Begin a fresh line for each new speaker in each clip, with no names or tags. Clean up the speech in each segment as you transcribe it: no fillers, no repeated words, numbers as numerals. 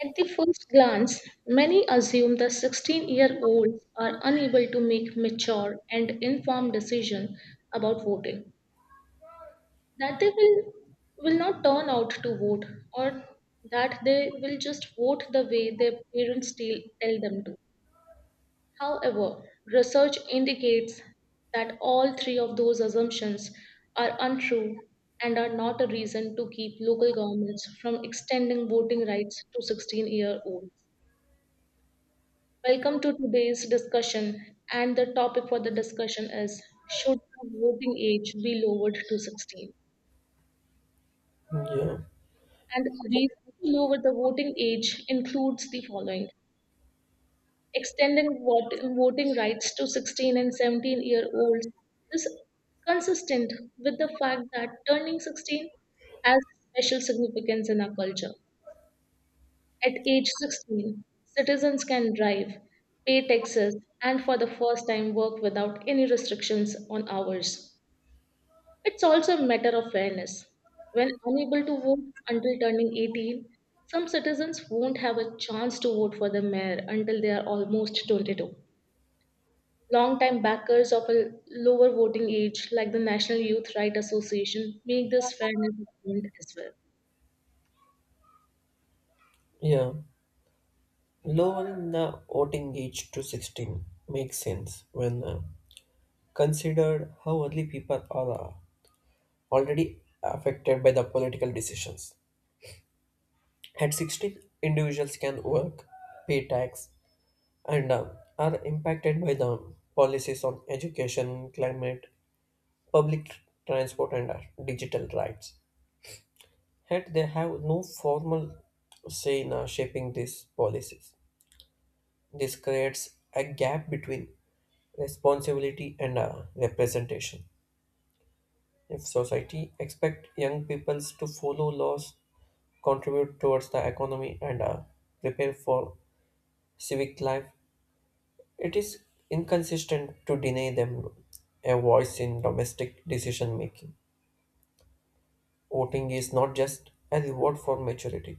At the first glance, many assume the 16-year-olds are unable to make mature and informed decisions about voting, that they will not turn out to vote, or that they will just vote the way their parents tell them to. However, research indicates that all three of those assumptions are untrue and are not a reason to keep local governments from extending voting rights to 16 year olds. Welcome to today's discussion, and the topic for the discussion is, should the voting age be lowered to 16?
Yeah,
And the reason to lower the voting age includes the following: extending voting rights to 16 and 17 year olds is consistent with the fact that turning 16 has special significance in our culture. At age 16, citizens can drive, pay taxes, and for the first time work without any restrictions on hours. It's also a matter of fairness. When unable to vote until turning 18, some citizens won't have a chance to vote for the mayor until they are almost 22. Long-time backers of a lower voting age, like the National Youth Right Association, make this fairness argument as well.
yeah. Lowering the voting age to 16 makes sense when considered how early people are already affected by the political decisions. At 16, individuals can work, pay tax, and are impacted by the policies on education, climate, public transport, and digital rights. Yet they have no formal say in shaping these policies. This creates a gap between responsibility and representation. If society expect young peoples to follow laws, contribute towards the economy, and prepare for civic life, it is inconsistent to deny them a voice in domestic decision making. Voting is not just a reward for maturity;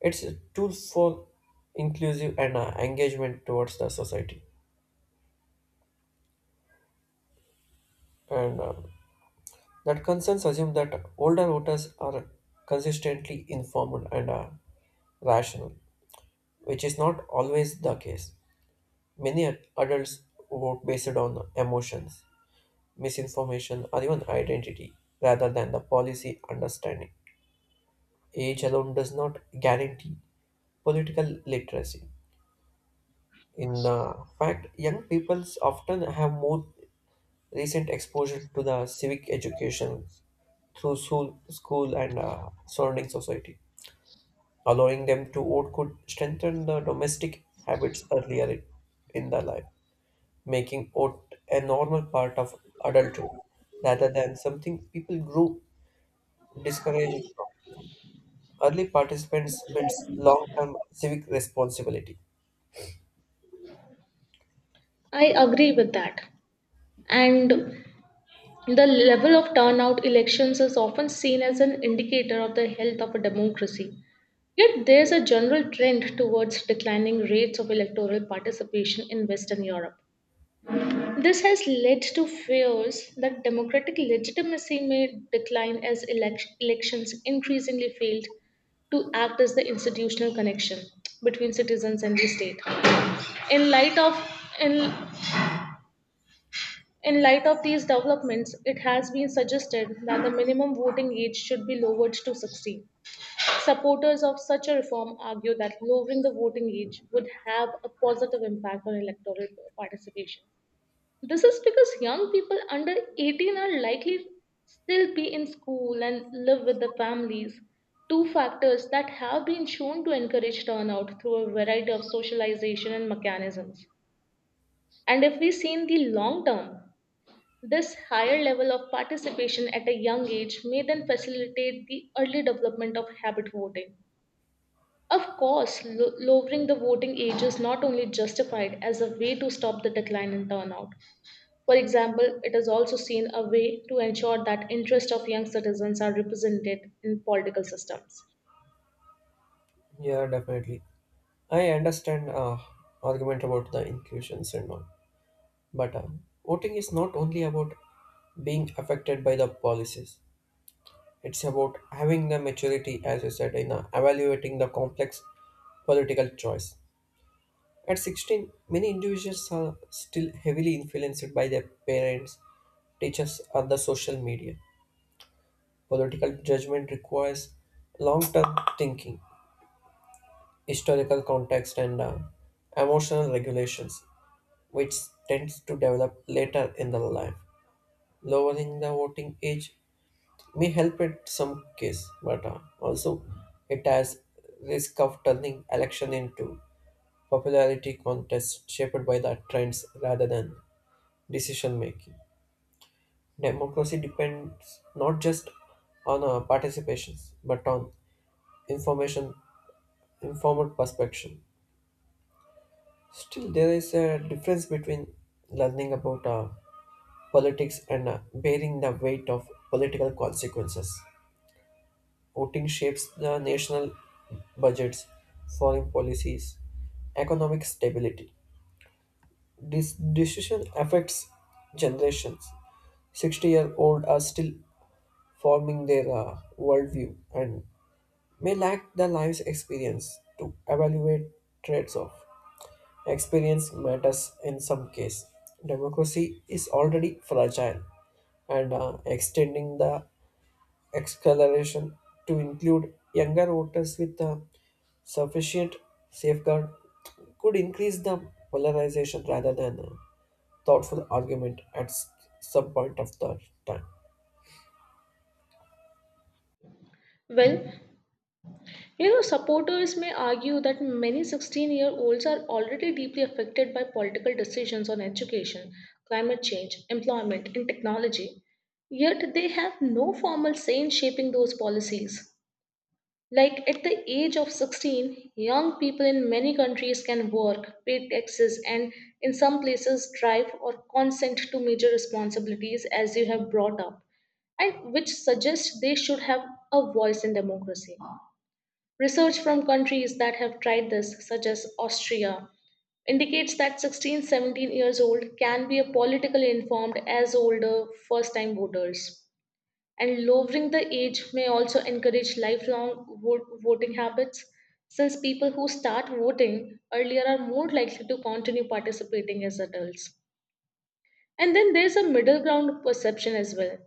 it's a tool for inclusive and engagement towards the society. And that concerns assume that older voters are consistently informed and rational, which is not always the case. Many adults vote based on emotions, misinformation, or even identity rather than the policy understanding. Age alone does not guarantee political literacy. In fact, young people often have more recent exposure to the civic education through school and surrounding society. Allowing them to vote could strengthen the domestic habits earlier in their life, making it a normal part of adulthood rather than something people grew discouraged from. Early participants builds long-term civic responsibility.
I agree with that. And the level of turnout elections is often seen as an indicator of the health of a democracy. Yet there is a general trend towards declining rates of electoral participation in Western Europe. This has led to fears that democratic legitimacy may decline as elections increasingly failed to act as the institutional connection between citizens and the state. In light of in In light of these developments, it has been suggested that the minimum voting age should be lowered to 16. Supporters of such a reform argue that lowering the voting age would have a positive impact on electoral participation. This is because young people under 18 are likely still be in school and live with the families, two factors that have been shown to encourage turnout through a variety of socialization and mechanisms. And if we see in the long term, this higher level of participation at a young age may then facilitate the early development of habit voting. Of course, lowering the voting age is not only justified as a way to stop the decline in turnout. For example, it is also seen a way to ensure that interests of young citizens are represented in political systems.
Yeah, definitely. I understand argument about the inclusions and all, but voting is not only about being affected by the policies. It's about having the maturity, as you said, in evaluating the complex political choice. At 16, many individuals are still heavily influenced by their parents, teachers, or the social media. Political judgment requires long term thinking, historical context, and emotional regulations, which tends to develop later in the life. Lowering the voting age may help in some case, but also it has risk of turning election into popularity contest shaped by the trends rather than decision making. Democracy depends not just on participations but on information informed perception. Still, there is a difference between learning about politics and bearing the weight of political consequences. Voting shapes the national budgets, foreign policies, economic stability. This decision affects generations. 60-year-old are still forming their worldview and may lack the life's experience to evaluate traits of. Experience matters in some case. Democracy is already fragile, and extending the acceleration to include younger voters with a sufficient safeguard could increase the polarization rather than a thoughtful argument at some point of the time.
Well, supporters may argue that many 16-year-olds are already deeply affected by political decisions on education, climate change, employment, and technology. Yet they have no formal say in shaping those policies. Like at the age of 16, young people in many countries can work, pay taxes, and in some places drive or consent to major responsibilities as you have brought up, and which suggests they should have a voice in democracy. Research from countries that have tried this, such as Austria, indicates that 16, 17 years old can be a politically informed as older first time voters. And lowering the age may also encourage lifelong voting habits, since people who start voting earlier are more likely to continue participating as adults. And then there's a middle ground perception as well.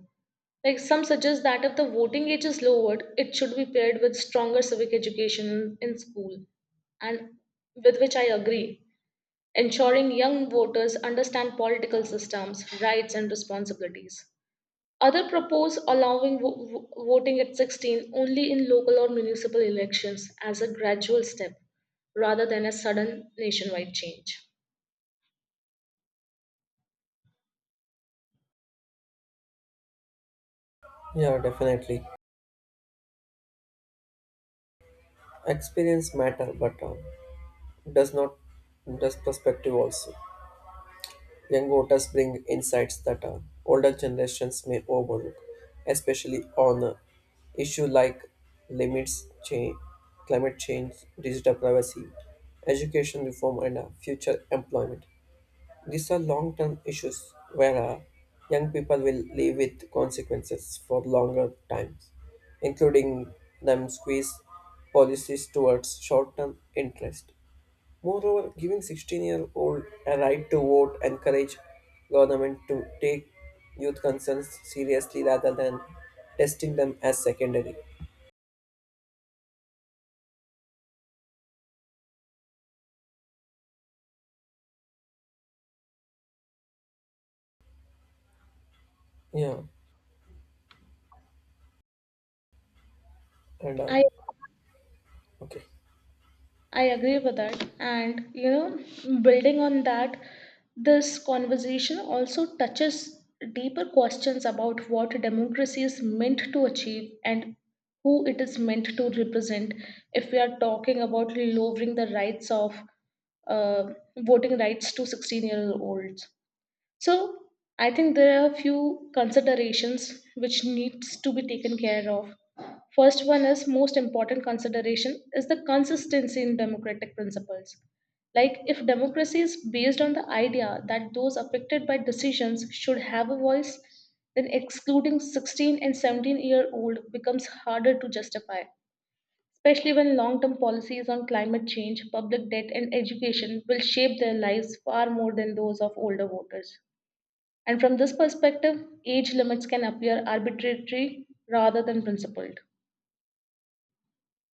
Like some suggest that if the voting age is lowered, it should be paired with stronger civic education in school, and with which I agree, ensuring young voters understand political systems, rights, and responsibilities. Other propose allowing voting at 16 only in local or municipal elections as a gradual step rather than a sudden nationwide change.
Yeah, definitely. Experience matter, but does not does perspective also. Young voters bring insights that older generations may overlook, especially on issues like limits, change, climate change, digital privacy, education reform, and future employment. These are long term issues where young people will live with consequences for longer times, including them squeeze policies towards short term interest. Moreover, giving 16-year-old a right to vote encourage government to take youth concerns seriously rather than testing them as secondary. Yeah, and
I.
okay,
I agree with that. And, building on that, this conversation also touches deeper questions about what democracy is meant to achieve and who it is meant to represent. If we are talking about lowering the rights of uh, voting rights to 16 year olds, so I think there are a few considerations which needs to be taken care of. First one is most important consideration is the consistency in democratic principles. Like, if democracy is based on the idea that those affected by decisions should have a voice, then excluding 16 and 17 year old becomes harder to justify, especially when long term policies on climate change, public debt and education will shape their lives far more than those of older voters. And from this perspective, age limits can appear arbitrary rather than principled.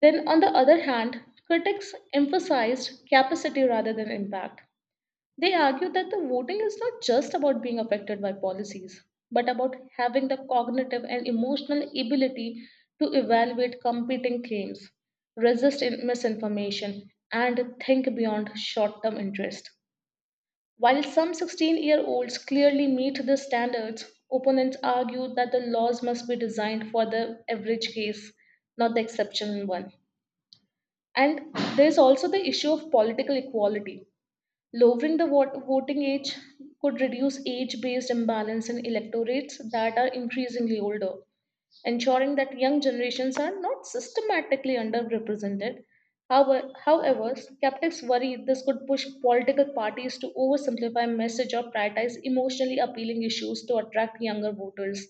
Then, on the other hand, critics emphasized capacity rather than impact. They argue that the voting is not just about being affected by policies, but about having the cognitive and emotional ability to evaluate competing claims, resist misinformation, and think beyond short term interest. While some 16-year-olds clearly meet the standards, opponents argue that the laws must be designed for the average case, not the exceptional one. And there's also the issue of political equality. Lowering the voting age could reduce age based imbalance in electorates that are increasingly older, ensuring that young generations are not systematically underrepresented. However, skeptics worry this could push political parties to oversimplify message or prioritize emotionally appealing issues to attract younger voters,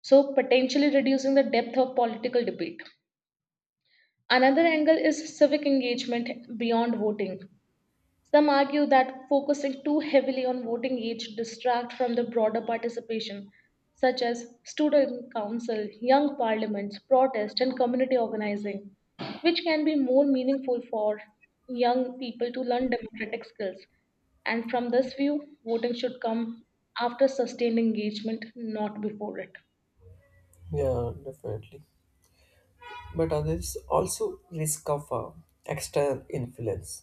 so potentially reducing the depth of political debate. Another angle is civic engagement beyond voting. Some argue that focusing too heavily on voting age distract from the broader participation, such as student council, young parliaments, protest, and community organizing, which can be more meaningful for young people to learn democratic skills. And from this view, voting should come after sustained engagement, not before it.
yeah, definitely. But there is also risk of external influence.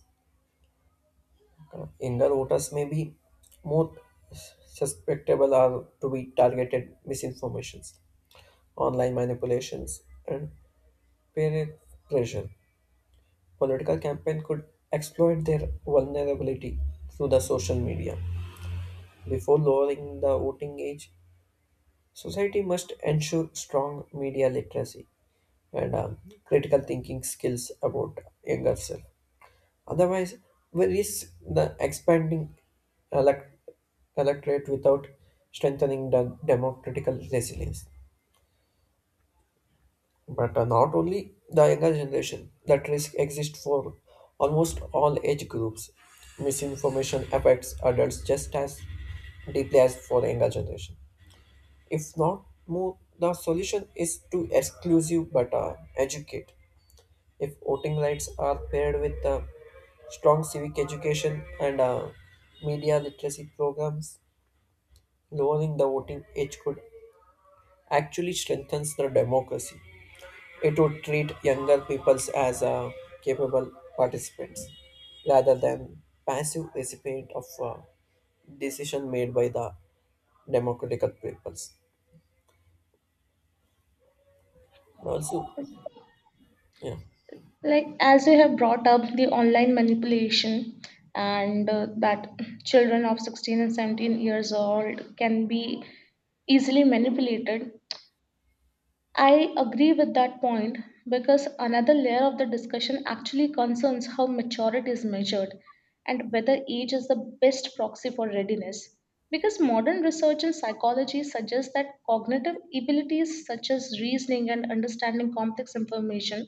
Younger voters may be more susceptible or to be targeted misinformations, online manipulations, and peer pressure. Political campaign could exploit their vulnerability through the social media. Before lowering the voting age, society must ensure strong media literacy and critical thinking skills about younger self. Otherwise, we risk the expanding elect- electorate without strengthening the democratical resilience. But not only the younger generation, that risk exists for almost all age groups. Misinformation affects adults just as deeply as for the younger generation. If not more, the solution is to exclusive but educate. If voting rights are paired with strong civic education and media literacy programs, lowering the voting age could actually strengthens the democracy. It would treat younger peoples as capable participants rather than passive recipient of decision made by the democratic peoples. Also, yeah,
Like, as you have brought up the online manipulation and that children of 16 and 17 years old can be easily manipulated, I agree with that point, because another layer of the discussion actually concerns how maturity is measured and whether age is the best proxy for readiness. Because modern research in psychology suggests that cognitive abilities such as reasoning and understanding complex information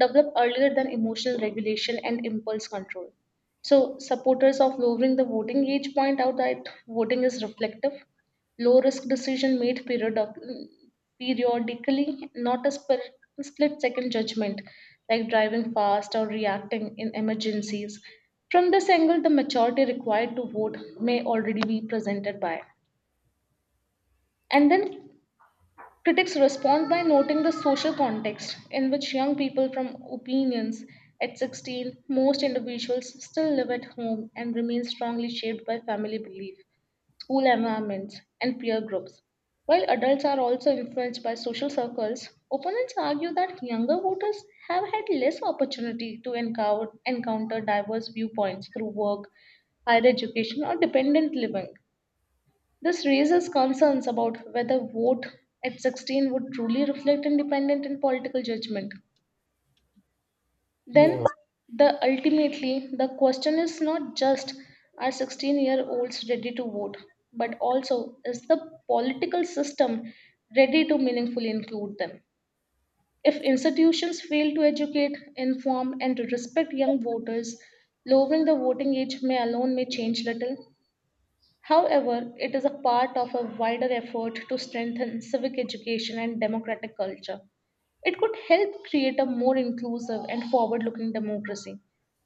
develop earlier than emotional regulation and impulse control. So, supporters of lowering the voting age point out that voting is reflective low risk decision made periodically, not a split second judgment like driving fast or reacting in emergencies. From this angle, the maturity required to vote may already be presented by. And then critics respond by noting the social context in which young people from opinions at 16, most individuals still live at home and remain strongly shaped by family belief school environments, and peer groups. While adults are also influenced by social circles, opponents argue that younger voters have had less opportunity to encounter diverse viewpoints through work, higher education, or dependent living. This raises concerns about whether vote at 16 would truly reflect independent and political judgment.
yeah,
Then the ultimately the question is not just, are 16-year-olds ready to vote, but also is the political system ready to meaningfully include them? If institutions fail to educate, inform, and respect young voters, lowering the voting age may alone may change little. However, it is a part of a wider effort to strengthen civic education and democratic culture. It could help create a more inclusive and forward looking democracy.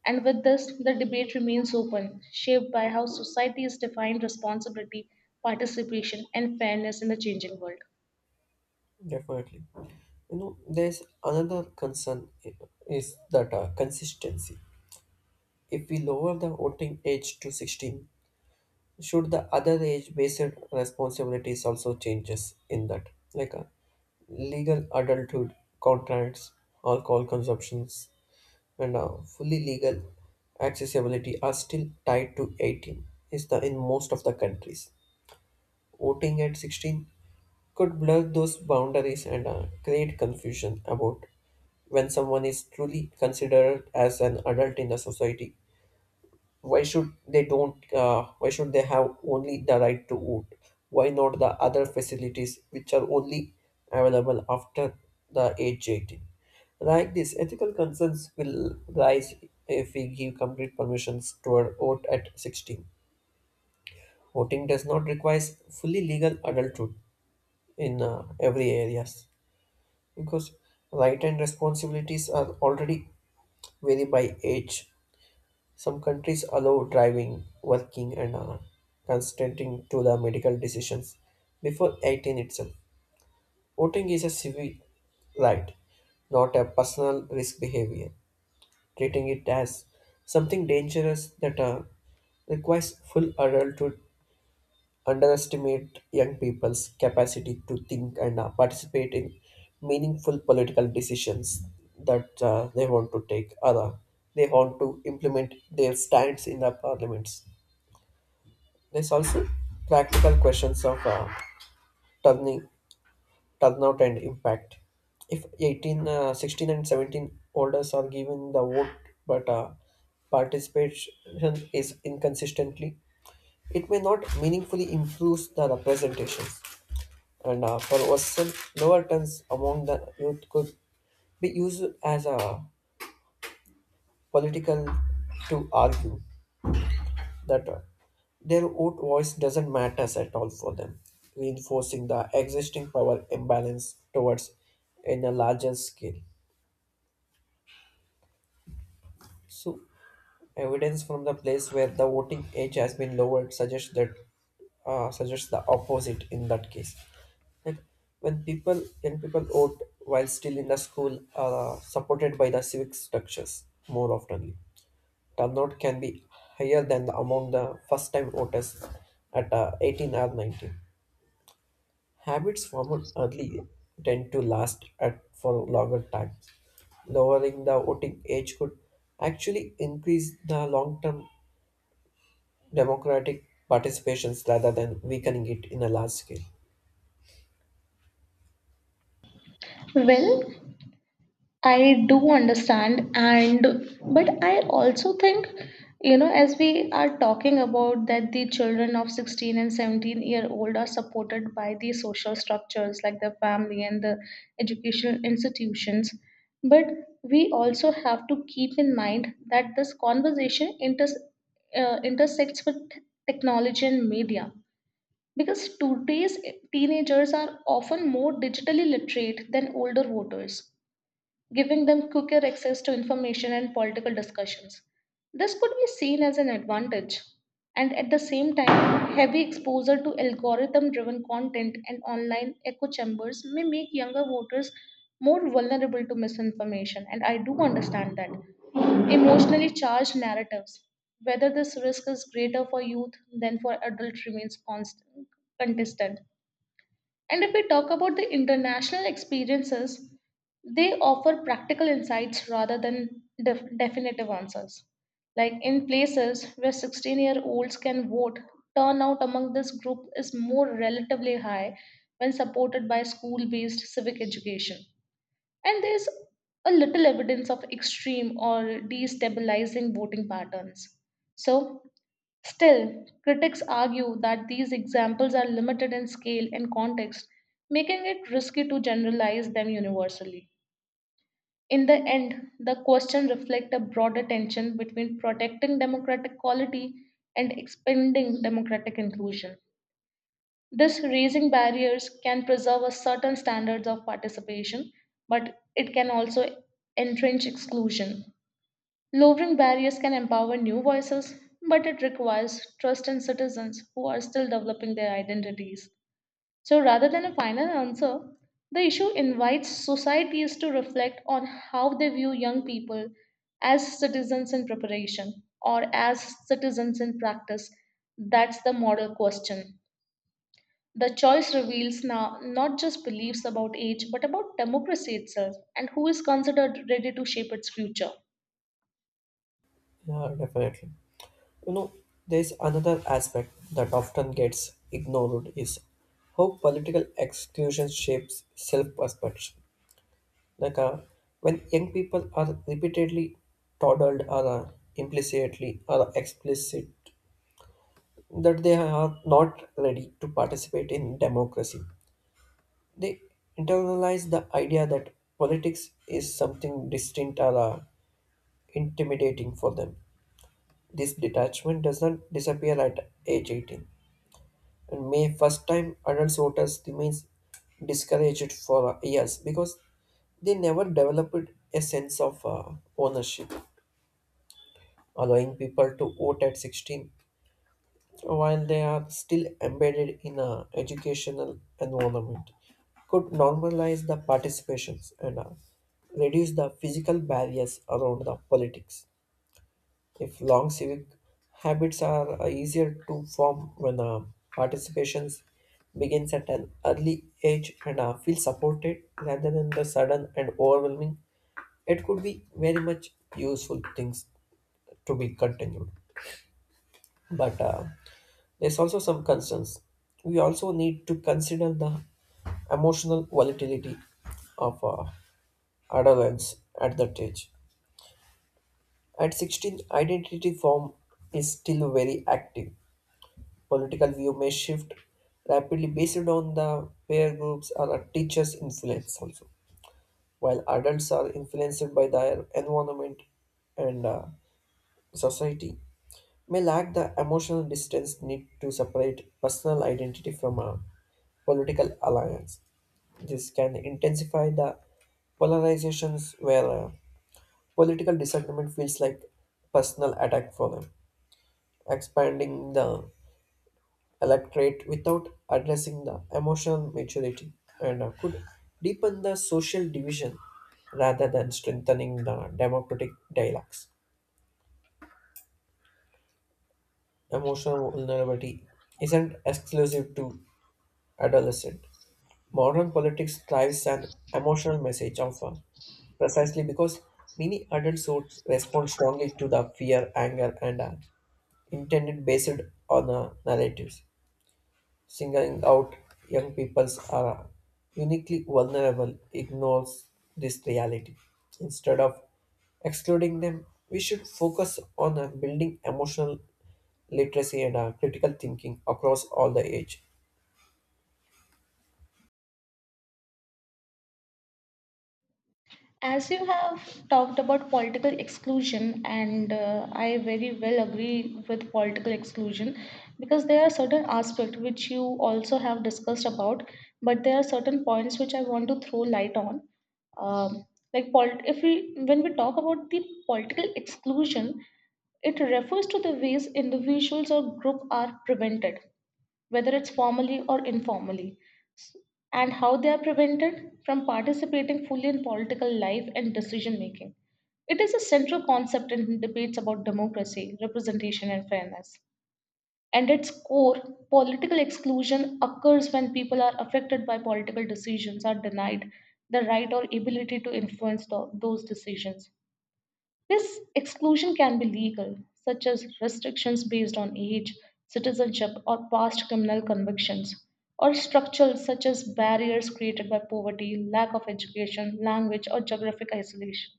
And with this, the debate remains open, shaped by how societies define responsibility, participation, and fairness in the changing world.
definitely. You know, there's another concern is that consistency. If we lower the voting age to 16, should the other age-based responsibilities also changes in that, like a legal adulthood, contracts, alcohol consumptions, and fully legal accessibility are still tied to 18 is the in most of the countries. Voting at 16 could blur those boundaries and create confusion about when someone is truly considered as an adult in the society. Why should they don't? Why should they have only the right to vote? Why not the other facilities which are only available after the age 18? Like this, ethical concerns will rise if we give complete permissions to our vote at 16. Voting does not require fully legal adulthood in every areas, because right and responsibilities are already vary by age. Some countries allow driving, working, and consenting to the medical decisions before 18 itself. Voting is a civic right, not a personal risk behavior, treating it as something dangerous that requires full adult to underestimate young people's capacity to think and participate in meaningful political decisions that they want to take or they want to implement their stands in the parliaments. There's also practical questions of turning, turnout and impact. If 18, 16 and 17 holders are given the vote but participation is inconsistently, it may not meaningfully improve the representations. And for Western, lower turns among the youth could be used as a political to argue that their own voice doesn't matter at all for them, reinforcing the existing power imbalance towards in a larger scale. So, evidence from the place where the voting age has been lowered suggests the opposite in that case. Like when people vote while still in the school are supported by the civic structures more oftenly. Turnout can be higher than the among the first time voters at 18 or 19. Habits formed early tend to last at for longer times. Lowering the voting age could actually increase the long-term democratic participations rather than weakening it in a large scale.
Well, I do understand, and but I also think, as we are talking about that the children of 16 and 17 year old are supported by the social structures like the family and the educational institutions, but we also have to keep in mind that this conversation intersects with technology and media, because today's teenagers are often more digitally literate than older voters, giving them quicker access to information and political discussions. This could be seen as an advantage, and at the same time, heavy exposure to algorithm driven content and online echo chambers may make younger voters more vulnerable to misinformation, and I do understand that. Emotionally charged narratives, whether this risk is greater for youth than for adults, remains contested. And if we talk about the international experiences, they offer practical insights rather than definitive answers. Like in places where 16-year-olds can vote, turnout among this group is more relatively high when supported by school based civic education, and there's a little evidence of extreme or destabilizing voting patterns. So, still, critics argue that these examples are limited in scale and context, making it risky to generalize them universally. In the end, the question reflects a broader tension between protecting democratic quality and expanding democratic inclusion. This raising barriers can preserve a certain standards of participation, but it can also entrench exclusion. Lowering barriers can empower new voices, but it requires trust in citizens who are still developing their identities. So, rather than a final answer, the issue invites societies to reflect on how they view young people as citizens in preparation or as citizens in practice. That's the model question. The choice reveals now not just beliefs about age, but about democracy itself and who is considered ready to shape its future.
Yeah, definitely. You know, there's another aspect that often gets ignored is how political exclusion shapes self-perception. Like when young people are repeatedly toddled or implicitly or explicit that they are not ready to participate in democracy. They internalize the idea that politics is something distinct or intimidating for them. This detachment does not disappear at age 18, and may first time adult voters remains discouraged for years because they never developed a sense of ownership. Allowing people to vote at 16 while they are still embedded in a educational environment could normalize the participations and reduce the physical barriers around the politics. If long civic habits are easier to form when participations begins at an early age and feel supported rather than the sudden and overwhelming, it could be very much useful things to be continued. But there's also some concerns. We also need to consider the emotional volatility of adolescence at that age. At 16, identity form is still very active. Political view may shift rapidly based on the peer groups or a teacher's influence also. While adults are influenced by their environment and society, may lack the emotional distance need to separate personal identity from a political alliance. This can intensify the polarizations where political disagreement feels like personal attack for them, expanding the electorate without addressing the emotional maturity and could deepen the social division rather than strengthening the democratic dialogues. Emotional vulnerability isn't exclusive to adolescent. Modern politics thrives an emotional message often, precisely because many adult suits respond strongly to the fear, anger, and intended based on narratives. Singling out young peoples are uniquely vulnerable ignores this reality. Instead of excluding them, we should focus on building emotional literacy and critical thinking across all the age.
As you have talked about political exclusion, and I very well agree with political exclusion, because there are certain aspects which you also have discussed about, but there are certain points which I want to throw light on. Um, like, if we when we talk about the political exclusion, it refers to the ways individuals or group are prevented, whether it's formally or informally, and how they are prevented from participating fully in political life and decision making. It is a central concept in debates about democracy, representation, and fairness. And its core, political exclusion occurs when people are affected by political decisions, are denied the right or ability to influence those decisions. This exclusion can be legal, such as restrictions based on age, citizenship, or past criminal convictions, or structural, such as barriers created by poverty, lack of education, language, or geographic isolation.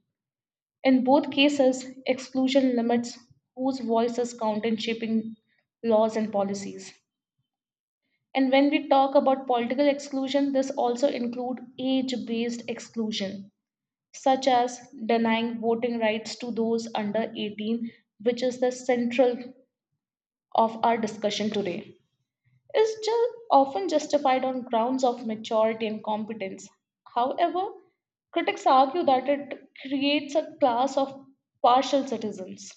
In both cases, exclusion limits whose voices count in shaping laws and policies. And when we talk about political exclusion, this also includes age based exclusion, such as denying voting rights to those under 18, which is the central of our discussion today, is often justified on grounds of maturity and competence. However, critics argue that it creates a class of partial citizens,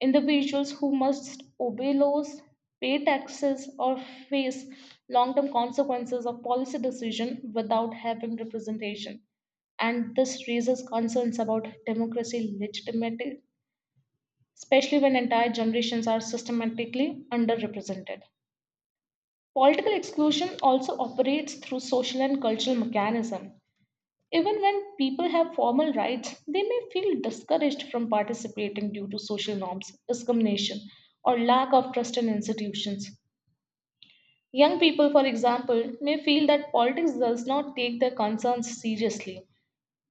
individuals who must obey laws, pay taxes, or face long term consequences of policy decision without having representation. And this raises concerns about democracy legitimacy, especially when entire generations are systematically underrepresented. Political exclusion also operates through social and cultural mechanism. Even when people have formal rights, they may feel discouraged from participating due to social norms, discrimination, or lack of trust in institutions. Young people, for example, may feel that politics does not take their concerns seriously,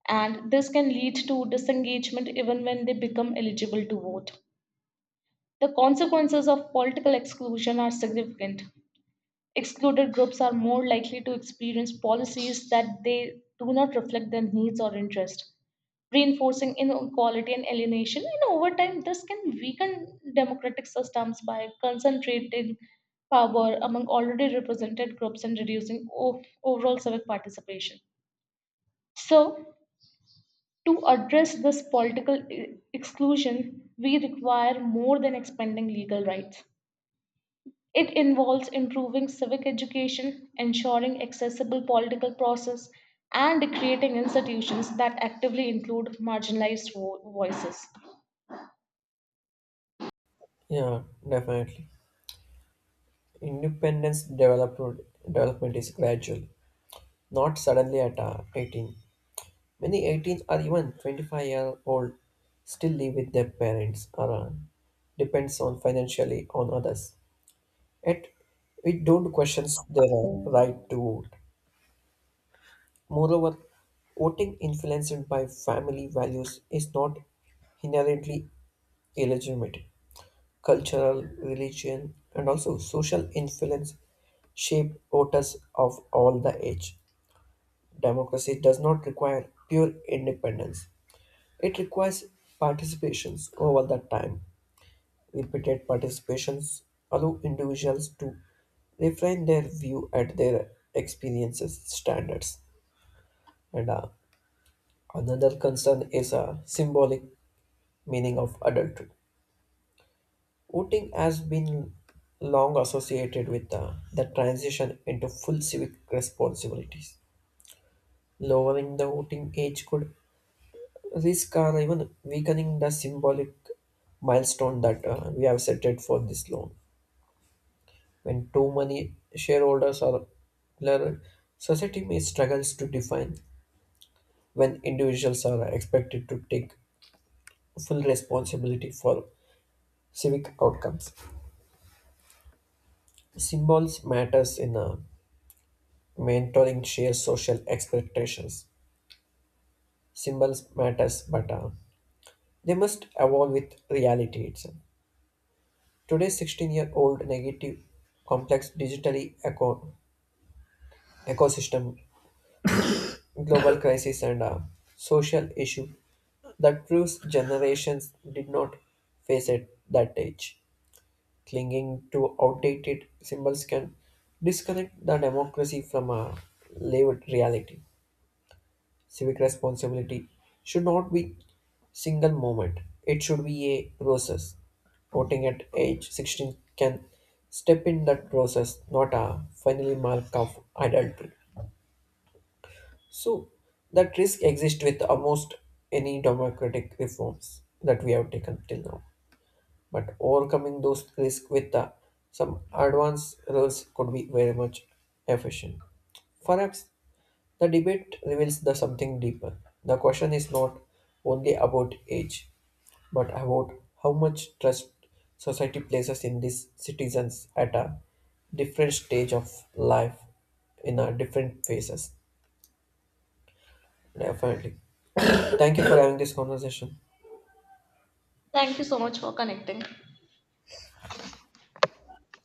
and this can lead to disengagement even when they become eligible to vote. The consequences of political exclusion are significant. Excluded groups are more likely to experience policies that they do not reflect their needs or interests, reinforcing inequality and alienation. And over time, this can weaken democratic systems by concentrating power among already represented groups and reducing overall civic participation. So, to address this political exclusion, we require more than expanding legal rights. It involves improving civic education, ensuring accessible political process, and creating institutions that actively include marginalized voices.
Yeah, definitely. Independence development is gradual, not suddenly at 18. Many 18 or even 25-year-old still live with their parents or depends on financially on others. Yet we don't question their right to vote. Moreover, voting influenced by family values is not inherently illegitimate. Cultural, religion, and also social influence shape voters of all the age. Democracy does not require pure independence. It requires participations over the time. Repeated participations allow individuals to refine their view at their experiences standards. And another concern is a symbolic meaning of adulthood. Voting has been long associated with the transition into full civic responsibilities. Lowering the voting age could risk are even weakening the symbolic milestone that we have set it for this loan. When too many shareholders are blurred, society may struggles to define when individuals are expected to take full responsibility for civic outcomes. Symbols matters in mentoring shared social expectations. Symbols matters, but they must evolve with reality itself. Today's 16-year-old negative, complex digitally ecosystem, global crisis, and a social issue that proves generations did not face at that age. Clinging to outdated symbols can disconnect the democracy from a lived reality. Civic responsibility should not be single moment. It should be a process. Voting at age 16 can step in that process, not a finally mark of adulthood. So that risk exists with almost any democratic reforms that we have taken till now. But overcoming those risks with some advanced rules could be very much efficient. Perhaps the debate reveals the something deeper. The question is not only about age, but about how much trust society places in these citizens at a different stage of life in a different phases. Definitely. Thank you for having this conversation.
Thank you so much for connecting.